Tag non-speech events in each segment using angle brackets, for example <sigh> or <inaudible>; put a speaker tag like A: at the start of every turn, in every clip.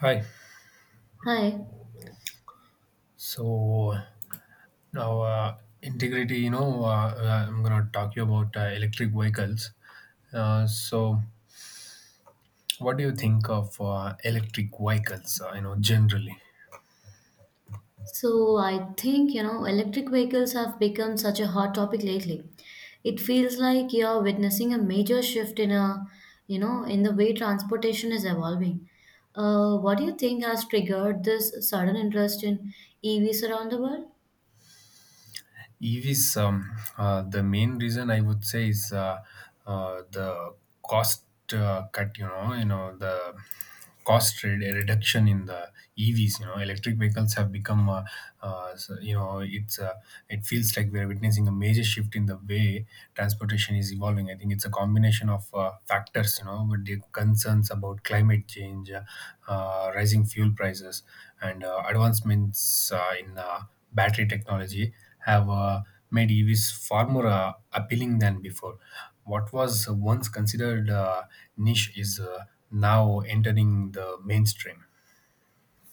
A: Hi.
B: Hi.
A: So now, integrity. I'm gonna talk you about electric vehicles. Uh, so, what do you think of electric vehicles? Generally.
B: So I think, you know, electric vehicles have become such a hot topic lately. It feels like you're witnessing a major shift in the way transportation is evolving. What do you think has triggered this sudden interest in EVs around the world?
A: EVs, the main reason I would say is the cost cut. You know the cost reduction in the EVs. You know, electric vehicles have become, uh, so, you know, it's uh, it feels like we're witnessing a major shift in the way transportation is evolving. I think it's a combination of factors. You know, with the concerns about climate change, rising fuel prices, and advancements in battery technology have made EVs far more appealing than before. What was once considered niche is now entering the mainstream.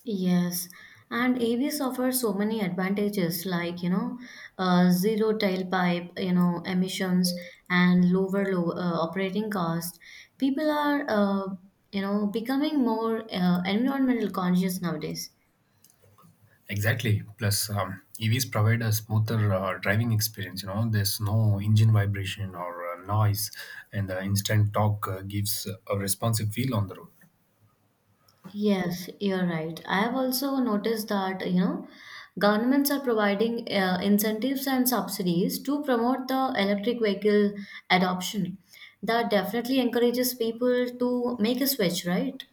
B: Yes, and AVs offer so many advantages like, you know, zero tailpipe, you know, emissions and low operating cost. People are, you know, becoming more environmental conscious nowadays.
A: Exactly. Plus, EVs provide a smoother driving experience. You know, there's no engine vibration or noise, and the instant torque gives a responsive feel on the road.
B: Yes, you're right. I have also noticed that, you know, governments are providing incentives and subsidies to promote the electric vehicle adoption. That definitely encourages people to make a switch, right?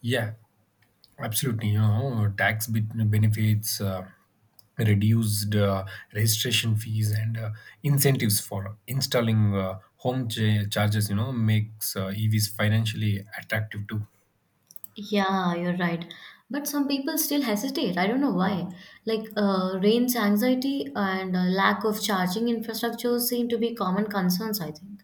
A: Yeah, absolutely, you know, tax benefits, reduced registration fees, and incentives for installing home charges, you know, makes EVs financially attractive too.
B: Yeah, you're right. But some people still hesitate. I don't know why. Like range anxiety and lack of charging infrastructure seem to be common concerns, I think.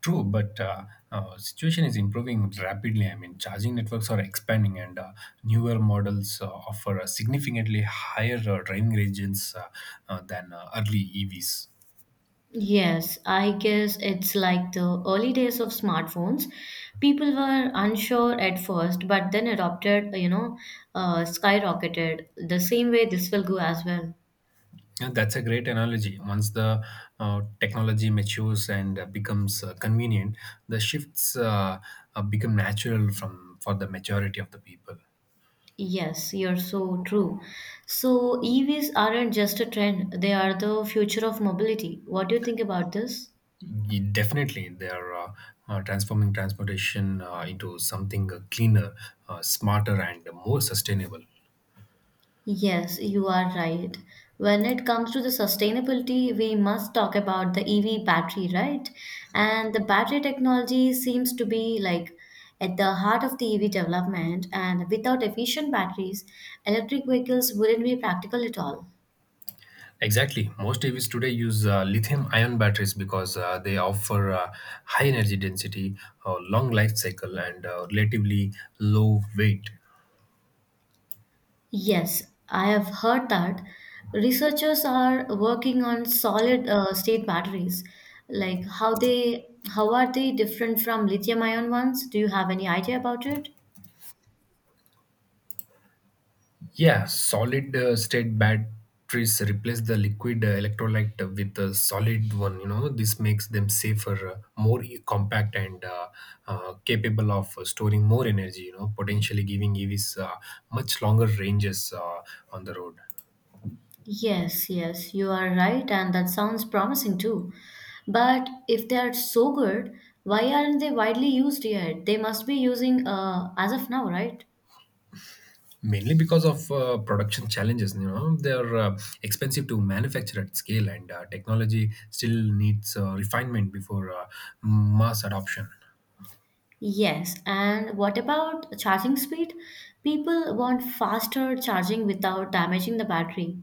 A: True, but situation is improving rapidly. I mean, charging networks are expanding, and newer models offer a significantly higher driving ranges than early EVs.
B: Yes, I guess it's like the early days of smartphones. People were unsure at first, but then adopted skyrocketed. The same way this will go as well.
A: Yeah, that's a great analogy. Once the technology matures and becomes convenient, the shifts become natural from for the majority of the people.
B: Yes, you're so true. So EVs aren't just a trend, they are the future of mobility. What do you think about this?
A: Definitely, they are transforming transportation into something cleaner, smarter, and more sustainable.
B: Yes, you are right. When it comes to the sustainability, we must talk about the EV battery, right? And the battery technology seems to be like at the heart of the EV development, and without efficient batteries, electric vehicles wouldn't be practical at all.
A: Exactly. Most EVs today use lithium-ion batteries because they offer high energy density, long life cycle, and relatively low weight.
B: Yes, I have heard that researchers are working on solid state batteries. Like how are they different from lithium ion ones? Do you have any idea about it?
A: Yeah, solid state batteries replace the liquid electrolyte with a solid one. You know, this makes them safer, compact, and capable of storing more energy. You know, potentially giving EVs much longer ranges on the road.
B: Yes, yes, you are right, and that sounds promising too. But if they are so good, why aren't they widely used yet? They must be using as of now, right?
A: Mainly because of production challenges, you know, they're expensive to manufacture at scale, and technology still needs refinement before mass adoption.
B: Yes, and what about charging speed? People want faster charging without damaging the battery.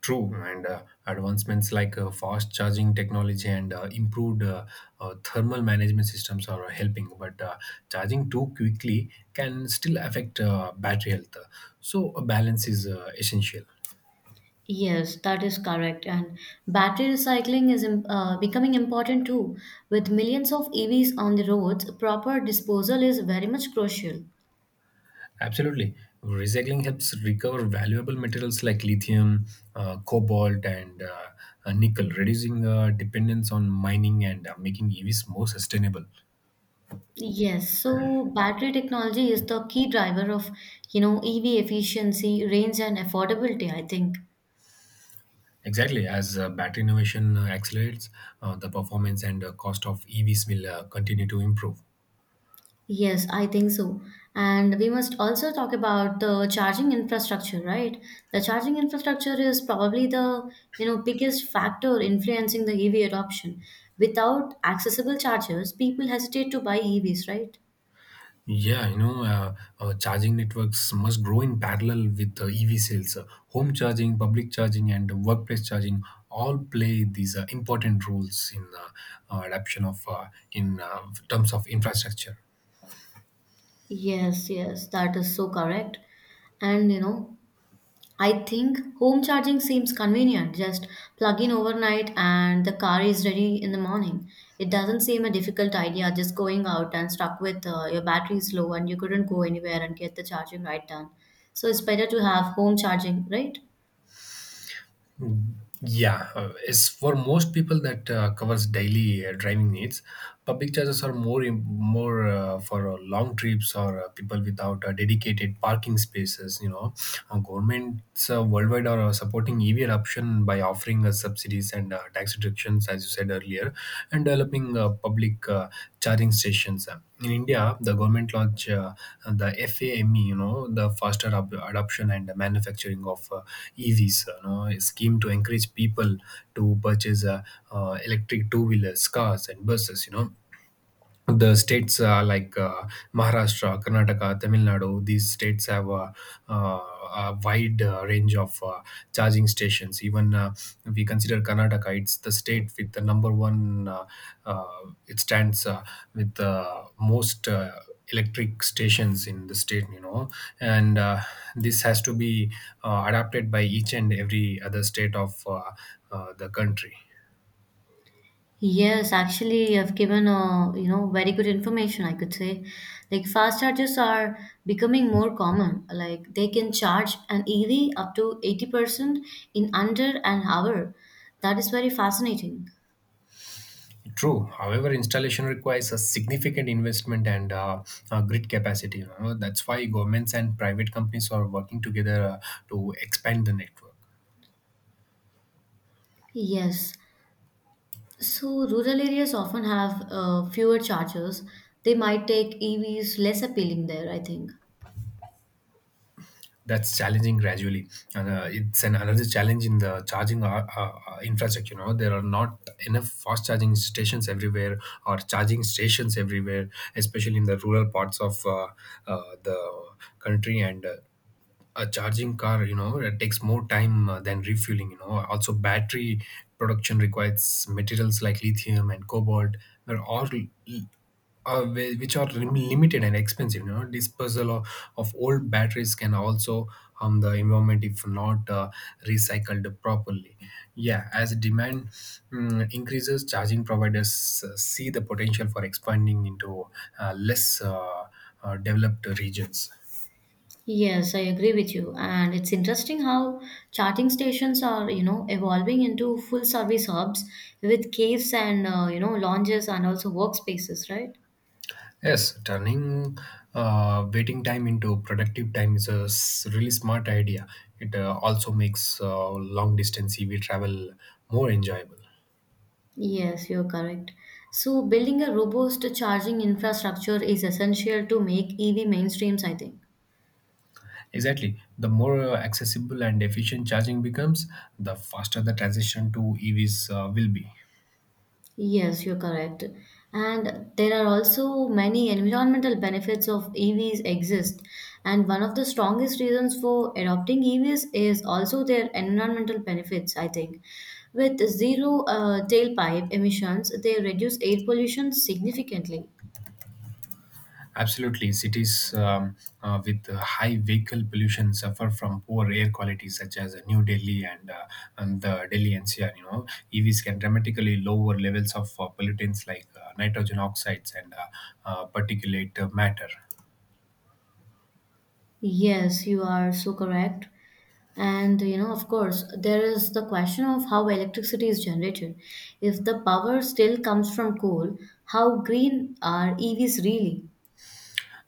A: True, and advancements like fast charging technology and improved thermal management systems are helping, but charging too quickly can still affect battery health. So, a balance is essential.
B: Yes, that is correct. And battery recycling is becoming important too. With millions of EVs on the roads, proper disposal is very much crucial.
A: Absolutely. Recycling helps recover valuable materials like lithium, cobalt, and nickel, reducing dependence on mining and making EVs more sustainable.
B: Yes, so battery technology is the key driver of, you know, EV efficiency, range, and affordability, I think.
A: Exactly. As battery innovation accelerates, the performance and cost of EVs will continue to improve.
B: Yes, I think so. And we must also talk about the charging infrastructure, right? The charging infrastructure is probably the, you know, biggest factor influencing the EV adoption. Without accessible chargers, people hesitate to buy EVs, right?
A: Yeah, charging networks must grow in parallel with EV sales. Home charging, public charging, and workplace charging all play these important roles in adoption of in terms of infrastructure.
B: Yes, yes, that is so correct. And you know, I think home charging seems convenient. Just plug in overnight and the car is ready in the morning. It doesn't seem a difficult idea just going out and stuck with your battery is low and you couldn't go anywhere and get the charging right done. So it's better to have home charging, right?
A: Yeah, it's for most people that covers daily driving needs. Public chargers are more for long trips or people without dedicated parking spaces. You know, governments worldwide are supporting EV adoption by offering subsidies and tax reductions options, as you said earlier, and developing public charging stations. In India, the government launched the FAME, you know, the faster adoption and manufacturing of EVs, you know, a scheme to encourage people to purchase electric two-wheelers, cars, and buses. You know, the states like Maharashtra, Karnataka, Tamil Nadu, these states have a wide range of charging stations. Even if we consider Karnataka, it's the state with the number one, uh, it stands with the most. Electric stations in the state, you know, and this has to be adapted by each and every other state of the country.
B: Yes, actually, you have given a you know very good information, I could say. Like fast chargers are becoming more common. Like they can charge an EV up to 80% in under an hour. That is very fascinating.
A: True. However, installation requires a significant investment and grid capacity, you know. That's why governments and private companies are working together to expand the network.
B: Yes. So rural areas often have fewer chargers. They might take EVs less appealing there, I think.
A: That's challenging gradually, and it's an another challenge in the charging infrastructure. You know, there are not enough fast charging stations everywhere, or charging stations everywhere, especially in the rural parts of the country. And. A charging car, you know, it takes more time than refueling. You know, also battery production requires materials like lithium and cobalt were all which are limited and expensive. You know, disposal of old batteries can also harm the environment if not recycled properly. Yeah, as demand increases, charging providers see the potential for expanding into less developed regions.
B: Yes, I agree with you. And it's interesting how charging stations are, you know, evolving into full service hubs with caves and, you know, lounges and also workspaces, right?
A: Yes, turning waiting time into productive time is really smart idea. It also makes long distance EV travel more enjoyable.
B: Yes, you're correct. So building a robust charging infrastructure is essential to make EV mainstreams, I think.
A: Exactly. The more accessible and efficient charging becomes, the faster the transition to EVs will be.
B: Yes, you're correct. And there are also many environmental benefits of EVs exist. And one of the strongest reasons for adopting EVs is also their environmental benefits, I think. With zero tailpipe emissions, they reduce air pollution significantly.
A: Absolutely, cities with high vehicle pollution suffer from poor air quality, such as New Delhi and the Delhi NCR. You know, EVs can dramatically lower levels of pollutants like nitrogen oxides and particulate matter.
B: Yes, you are so correct. And you know, of course, there is the question of how electricity is generated. If the power still comes from coal, how green are EVs really?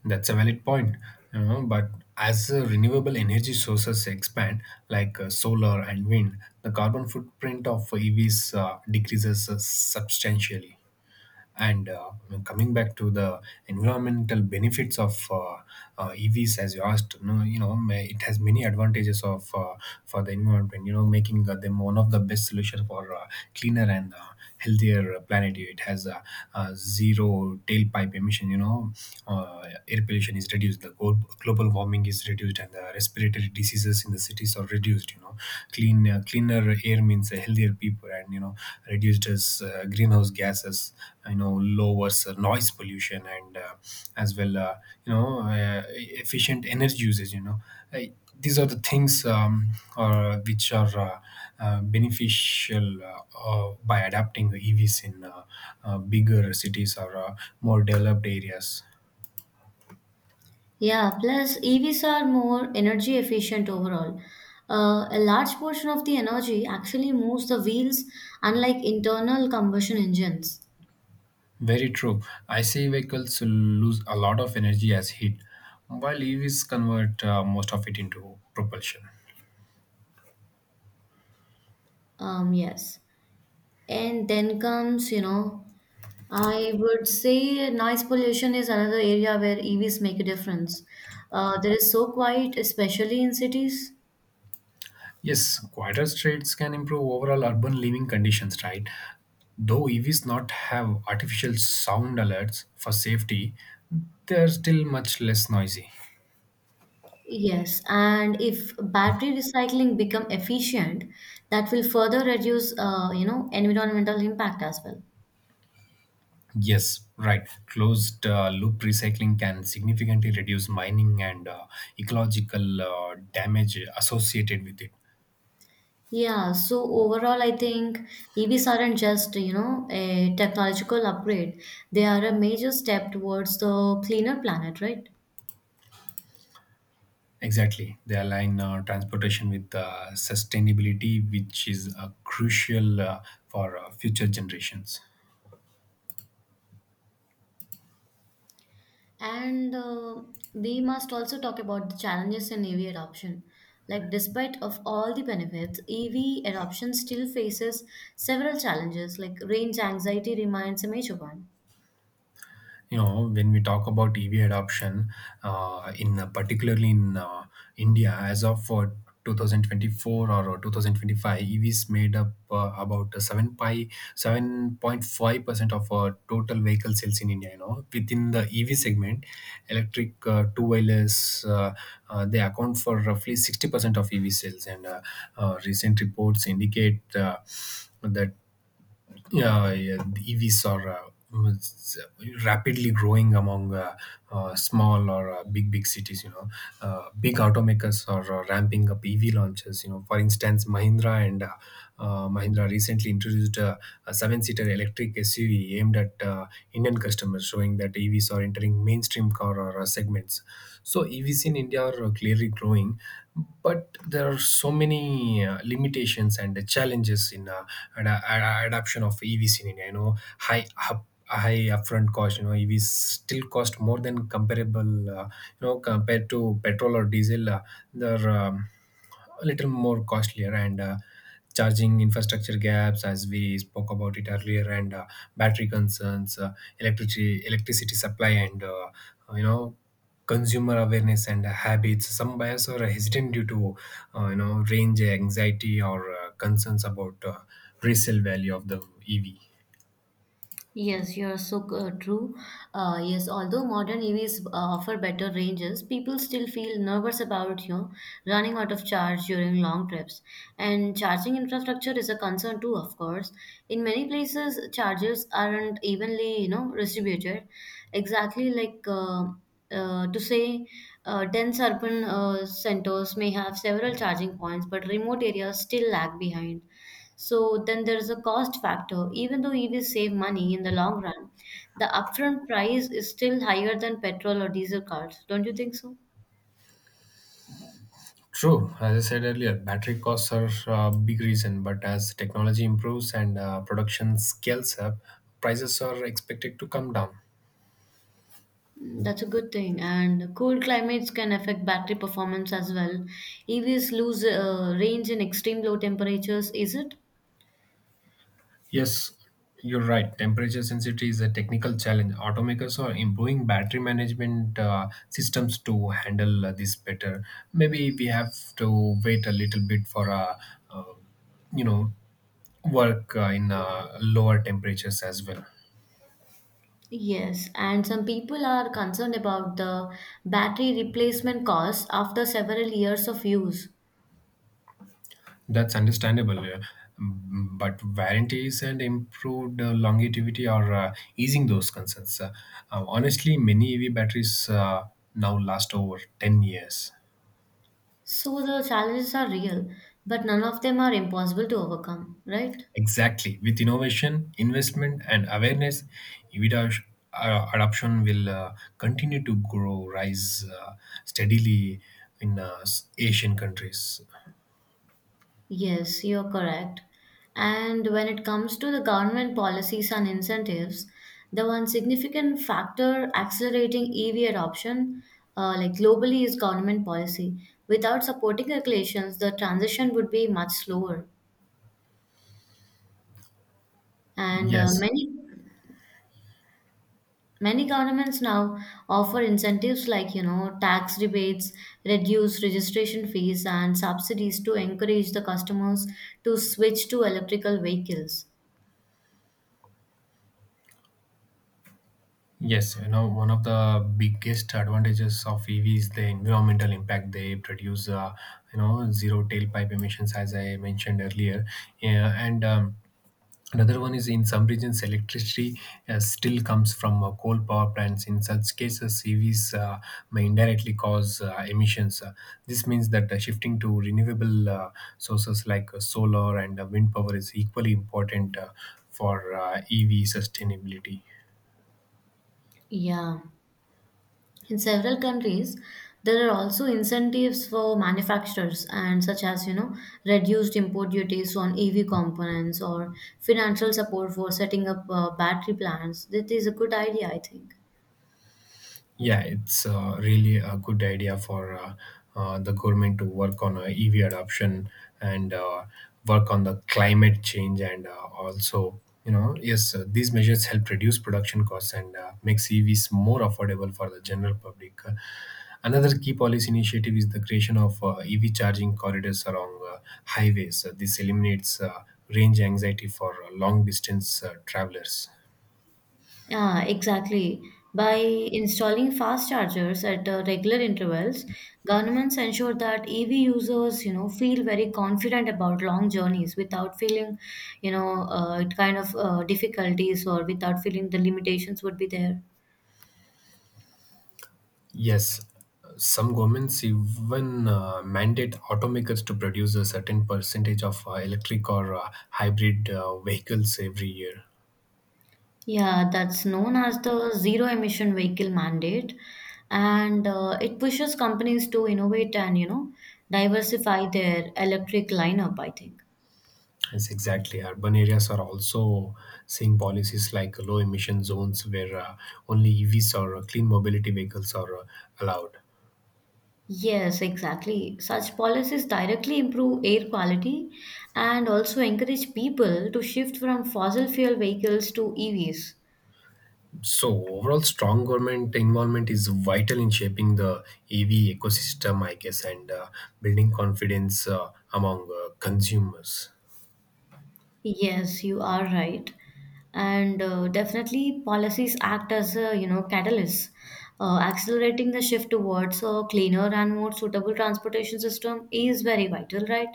A: That's a valid point, you know, but as renewable energy sources expand, like solar and wind, the carbon footprint of EVs decreases substantially. And coming back to the environmental benefits of EVs, as you asked, it has many advantages of for the environment. You know, making them one of the best solution for cleaner and healthier planet. It has zero tailpipe emission. You know, air pollution is reduced, the global warming is reduced, and the respiratory diseases in the cities are reduced. You know, cleaner air means a healthier people, and you know, reduced as greenhouse gases. You know, lowers noise pollution and as well, you know, efficient energy usage, you know. Uh, these are the things or which are beneficial by adapting the EVs in bigger cities or more developed areas.
B: Yeah, plus EVs are more energy efficient overall. A large portion of the energy actually moves the wheels, unlike internal combustion engines.
A: Very true. ICE vehicles lose a lot of energy as heat, while EVs convert most of it into propulsion.
B: Yes. And then comes, you know, I would say noise pollution is another area where EVs make a difference. There is so quiet, especially in cities.
A: Yes, quieter streets can improve overall urban living conditions, right? Though EVs not have artificial sound alerts for safety, they are still much less noisy.
B: Yes, and if battery recycling become efficient, that will further reduce, you know, environmental impact as well.
A: Yes, right. Closed loop recycling can significantly reduce mining and ecological damage associated with it.
B: Yeah, so overall, I think EVs aren't just, you know, a technological upgrade. They are a major step towards the cleaner planet, right?
A: Exactly. They align transportation with sustainability, which is crucial for future generations.
B: And we must also talk about the challenges in EV adoption. Like, despite of all the benefits, EV adoption still faces several challenges, like range anxiety remains a major one.
A: You know, when we talk about EV adoption in particularly in India, as of 2024 or 2025, EVs made up about 7 pi 7.5% of total vehicle sales in India. You know, within the EV segment, electric two wheelers, they account for roughly 60% of EV sales, and recent reports indicate that yeah, the EVs are was rapidly growing among small or big cities. You know, big automakers are ramping up EV launches. You know, for instance, Mahindra recently introduced a seven-seater electric SUV aimed at Indian customers, showing that EVs are entering mainstream car or segments. So EVs in India are clearly growing, but there are so many limitations and the challenges in adoption of EVs in India. You know, high upfront cost. You know, EVs still cost more than comparable. You know, compared to petrol or diesel, there. A little more costlier and charging infrastructure gaps, as we spoke about it earlier, and battery concerns, electricity supply, and you know, consumer awareness and habits. Some buyers are hesitant due to you know, range anxiety or concerns about resale value of the EV.
B: Yes, you are so true. Yes, although modern EVs offer better ranges, people still feel nervous about you know, running out of charge during long trips. And charging infrastructure is a concern too, of course. In many places, chargers aren't evenly you know distributed. Exactly, to say, dense urban centers may have several charging points, but remote areas still lag behind. So then there is a cost factor. Even though EVs save money in the long run, the upfront price is still higher than petrol or diesel cars. Don't you think so?
A: True, as I said earlier, battery costs are a big reason, but as technology improves and production scales up, prices are expected to come down.
B: Mm, that's a good thing. And cool climates can affect battery performance as well. EVs lose range in extreme low temperatures, is it?
A: Yes, you're right. Temperature sensitivity is a technical challenge. Automakers are improving battery management systems to handle this better. Maybe we have to wait a little bit for uh, you know work in lower temperatures as well.
B: Yes, and some people are concerned about the battery replacement costs after several years of use.
A: That's understandable. But warranties and improved longevity are easing those concerns. Honestly, many EV batteries now last over 10 years.
B: So the challenges are real, but none of them are impossible to overcome, right?
A: Exactly. With innovation, investment, and awareness, EVIDA sh- adoption will continue to grow, rise steadily in Asian countries.
B: Yes, you're correct. And when it comes to the government policies and incentives, the one significant factor accelerating EV adoption, like globally, is government policy. Without supporting regulations, the transition would be much slower. And uh,
A: Yes,
B: many many governments now offer incentives like you know tax rebates, reduce registration fees, and subsidies to encourage the customers to switch to electrical vehicles.
A: yes. You know, one of the biggest advantages of EV is the environmental impact. They produce, zero tailpipe emissions, as I mentioned earlier, yeah, and another one is in some regions, electricity still comes from coal power plants. In such cases, CVs may indirectly cause emissions. This means that shifting to renewable sources like solar and wind power is equally important for EV sustainability.
B: Yeah. In several countries, there are also incentives for manufacturers and such as you know reduced import duties on EV components or financial support for setting up battery plants. That is a good idea, I think.
A: Yeah, it's really a good idea for the government to work on EV adoption and work on the climate change and yes, these measures help reduce production costs and makes EVs more affordable for the general public. Another key policy initiative is the creation of EV charging corridors along highways. This eliminates range anxiety for long distance travelers.
B: Yeah, exactly. By installing fast chargers at regular intervals, governments ensure that EV users, you know, feel very confident about long journeys without feeling, you know, it kind of difficulties or without feeling the limitations would be there.
A: Yes, some governments even mandate automakers to produce a certain percentage of electric or hybrid vehicles every year.
B: Yeah, that's known as the zero emission vehicle mandate, and it pushes companies to innovate and you know diversify their electric lineup, I think.
A: Yes, exactly. Urban areas are also seeing policies like low emission zones where only EVs or clean mobility vehicles are allowed.
B: Yes, exactly. Such policies directly improve air quality and also encourage people to shift from fossil fuel vehicles to EVs.
A: So, overall, strong government involvement is vital in shaping the EV ecosystem, I guess, and building confidence among consumers.
B: Yes, you are right. And definitely policies act as a, you know, catalyst, accelerating the shift towards a cleaner and more suitable transportation system is very vital, right?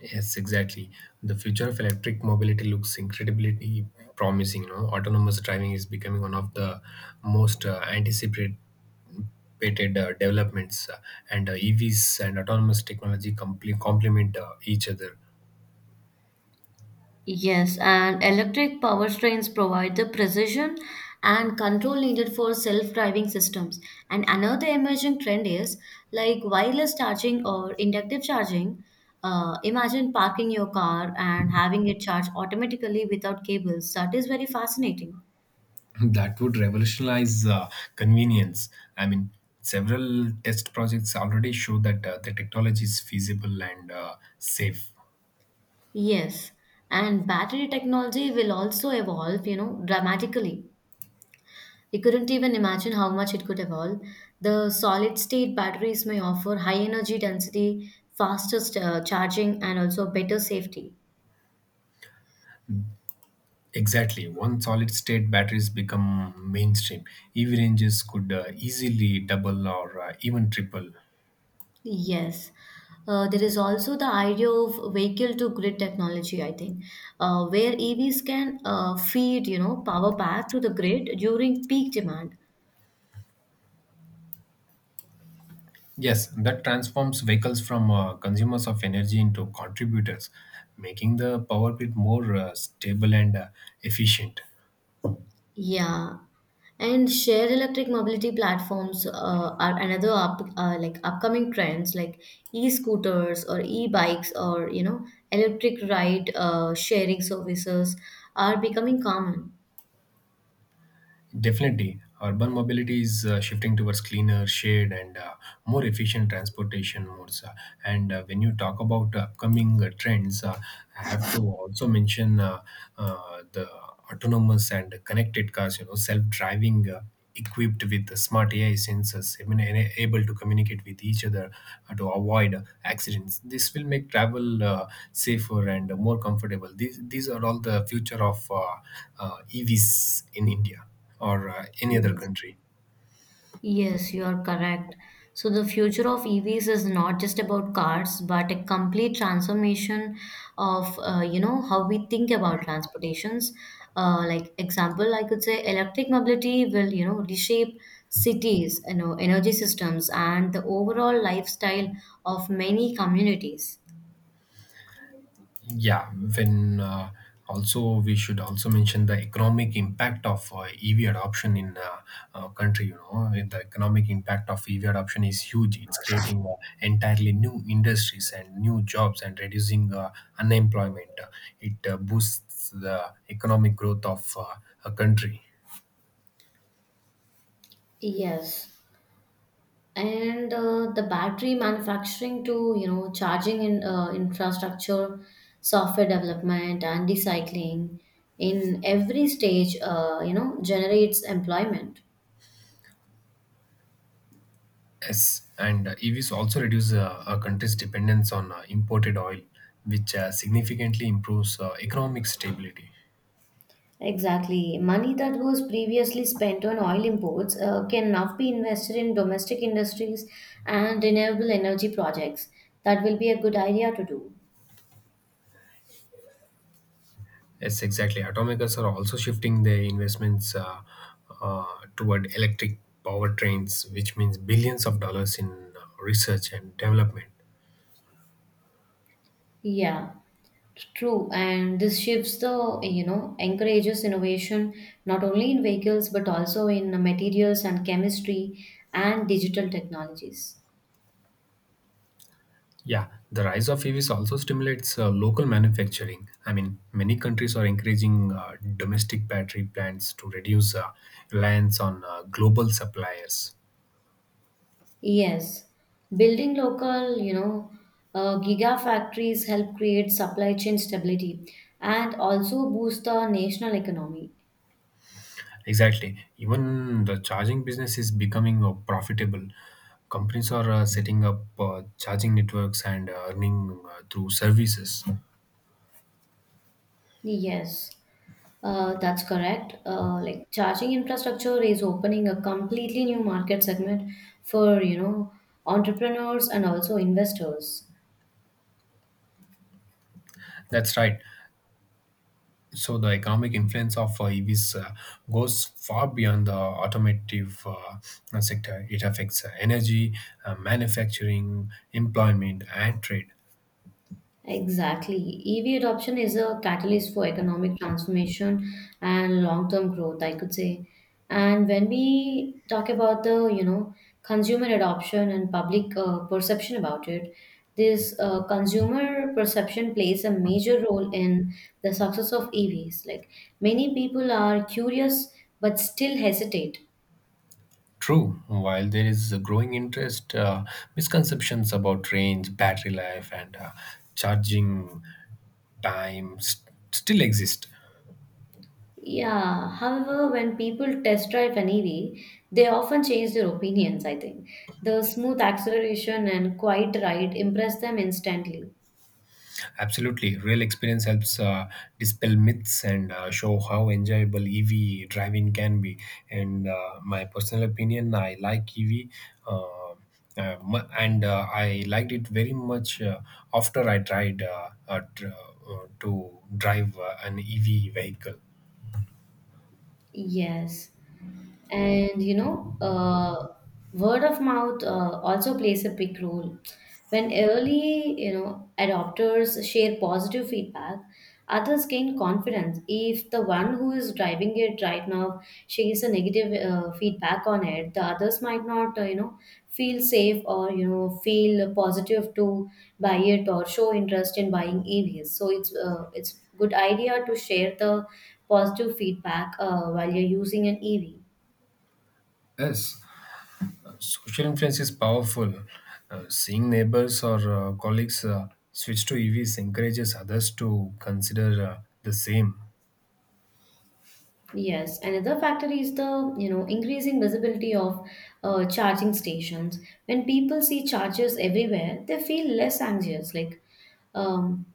A: Yes, exactly. The future of electric mobility looks incredibly promising. You know, autonomous driving is becoming one of the most anticipated developments, and EVs and autonomous technology complement each other.
B: Yes, and electric power trains provide the precision and control needed for self-driving systems. And another emerging trend is like wireless charging or inductive charging. Imagine parking your car and having it charge automatically without cables. That is very fascinating.
A: <laughs> That would revolutionize convenience. I mean, several test projects already show that the technology is feasible and safe.
B: Yes, and battery technology will also evolve, you know, dramatically. You couldn't even imagine how much it could evolve. The solid state batteries may offer high energy density, faster charging, and also better safety.
A: Exactly. Once solid state batteries become mainstream, EV ranges could easily double or even triple.
B: Yes. There is also the idea of vehicle to grid technology, I think, where EVs can feed, you know, power back to the grid during peak demand.
A: Yes, that transforms vehicles from consumers of energy into contributors, making the power grid more stable and efficient.
B: Yeah, and shared electric mobility platforms are another like upcoming trends, like e-scooters or e-bikes or you know electric ride sharing services are becoming common.
A: Definitely, urban mobility is shifting towards cleaner, shared, and more efficient transportation modes. And when you talk about upcoming trends, I have to also mention the autonomous and connected cars. You know, self-driving. Equipped with the smart AI sensors, I mean, able to communicate with each other to avoid accidents, this will make travel safer and more comfortable. These are all the future of EVs in India or any other country.
B: Yes, you are correct. So the future of EVs is not just about cars, but a complete transformation of you know how we think about transportations. Like example, I could say electric mobility will you know reshape cities, you know, energy systems, and the overall lifestyle of many communities.
A: Yeah, when also we should also mention the economic impact of EV adoption in country. You know, and the economic impact of EV adoption is huge. It's creating entirely new industries and new jobs and reducing unemployment. It boosts the economic growth of a country.
B: Yes. And the battery manufacturing to you know charging in infrastructure software development and recycling in every stage you know generates employment.
A: Yes, and EVs also reduce a country's dependence on imported oil, which significantly improves economic stability.
B: Exactly, money that was previously spent on oil imports can now be invested in domestic industries and renewable energy projects. That will be a good idea to do.
A: Yes, exactly. Automakers are also shifting their investments uh, toward electric powertrains, which means billions of dollars in research and development.
B: Yeah, true, and this shifts the, you know, encourages innovation not only in vehicles but also in materials and chemistry and digital technologies.
A: Yeah, the rise of EVs also stimulates local manufacturing. I mean, many countries are encouraging domestic battery plants to reduce reliance on global suppliers.
B: Yes, building local, you know, gigafactories help create supply chain stability and also boost the national economy.
A: Exactly. Even the charging business is becoming profitable. Companies are setting up charging networks and earning through services.
B: Yes, that's correct. Like charging infrastructure is opening a completely new market segment for, you know, entrepreneurs and also investors.
A: That's right. So the economic influence of EVs goes far beyond the automotive sector. It affects energy, manufacturing, employment, and trade.
B: Exactly. EV adoption is a catalyst for economic transformation and long-term growth, I could say. And when we talk about the, you know, consumer adoption and public perception about it, this consumer perception plays a major role in the success of EVs. Like many people are curious but still hesitate.
A: True, while there is a growing interest, misconceptions about range, battery life, and charging still exist.
B: Yeah, however, when people test drive an EV, they often change their opinions, I think. The smooth acceleration and quiet ride impress them instantly.
A: Absolutely, real experience helps dispel myths and show how enjoyable EV driving can be. And my personal opinion, I like EV. Uh, mu- and I liked it very much after I tried to drive an EV vehicle.
B: Yes. And you know, word of mouth also plays a big role. When early, you know, adopters share positive feedback, others gain confidence. If the one who is driving it right now shares a negative feedback on it, the others might not, you know, feel safe or you know feel positive to buy it or show interest in buying EVs. So it's good idea to share the positive feedback while you're using an EV.
A: Yes, social influence is powerful. Seeing neighbors or colleagues switch to EVs encourages others to consider the same.
B: Yes, another factor is the you know increasing visibility of charging stations. When people see chargers everywhere, they feel less anxious. Like um,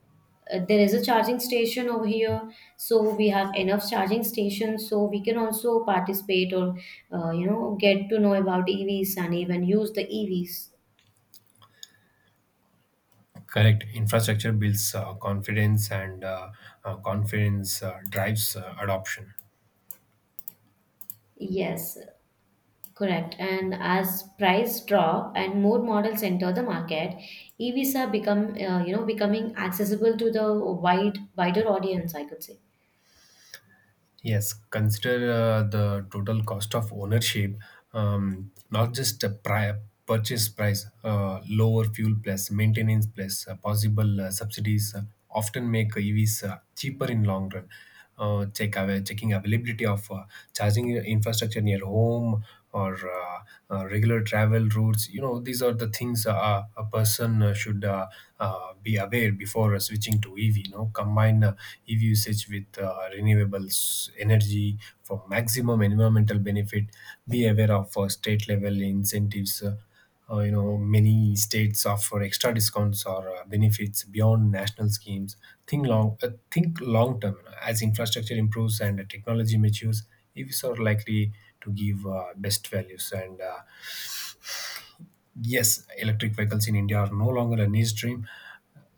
B: there is a charging station over here, so we have enough charging stations, so we can also participate or you know get to know about EVs and even use the EVs.
A: Correct. Infrastructure builds confidence, and confidence drives adoption.
B: Yes, correct. And as price drop and more models enter the market, EVs are become you know becoming accessible to the wider audience, I could say.
A: Yes, consider the total cost of ownership, not just a purchase price, lower fuel plus maintenance plus possible subsidies often make EVs cheaper in long run. Checking availability of charging infrastructure near home or regular travel routes. You know, these are the things a person should be aware before switching to EV. You know, combine EV usage with renewables energy for maximum environmental benefit. Be aware of state level incentives. You know, many states offer extra discounts or benefits beyond national schemes. Think long term. As infrastructure improves and technology matures, EVs are likely to give best values and yes, electric vehicles in India are no longer a niche dream.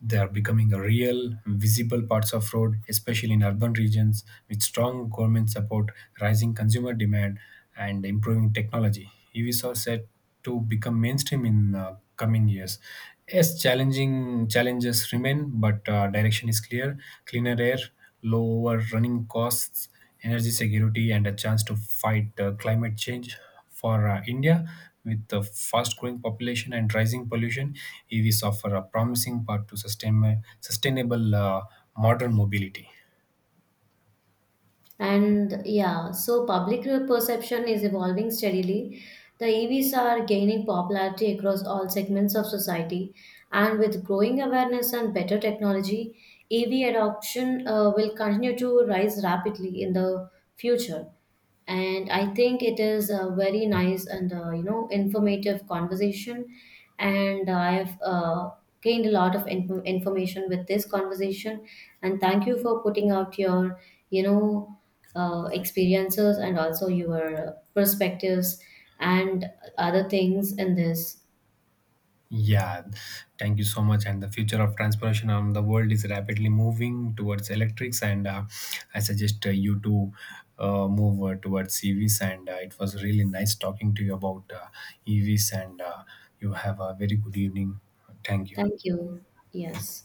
A: They are becoming a real, visible parts of road, especially in urban regions, with strong government support, rising consumer demand, and improving technology. EVs are set to become mainstream in coming years. Yes, challenging challenges remain, but direction is clear: cleaner air, lower running costs, energy security, and a chance to fight climate change. For India, with the fast growing population and rising pollution, EVs offer a promising path to sustainable modern mobility.
B: And yeah, so public perception is evolving steadily. The EVs are gaining popularity across all segments of society, and with growing awareness and better technology, EV adoption will continue to rise rapidly in the future. And I think it is a very nice and you know informative conversation, and I have gained a lot of information with this conversation, and thank you for putting out your you know experiences and also your perspectives and other things in this.
A: Yeah, thank you so much. And the future of transportation on the world is rapidly moving towards electrics, and I suggest you to move towards EVs. And it was really nice talking to you about EVs, and you have a very good evening. Thank you.
B: Thank you. Yes.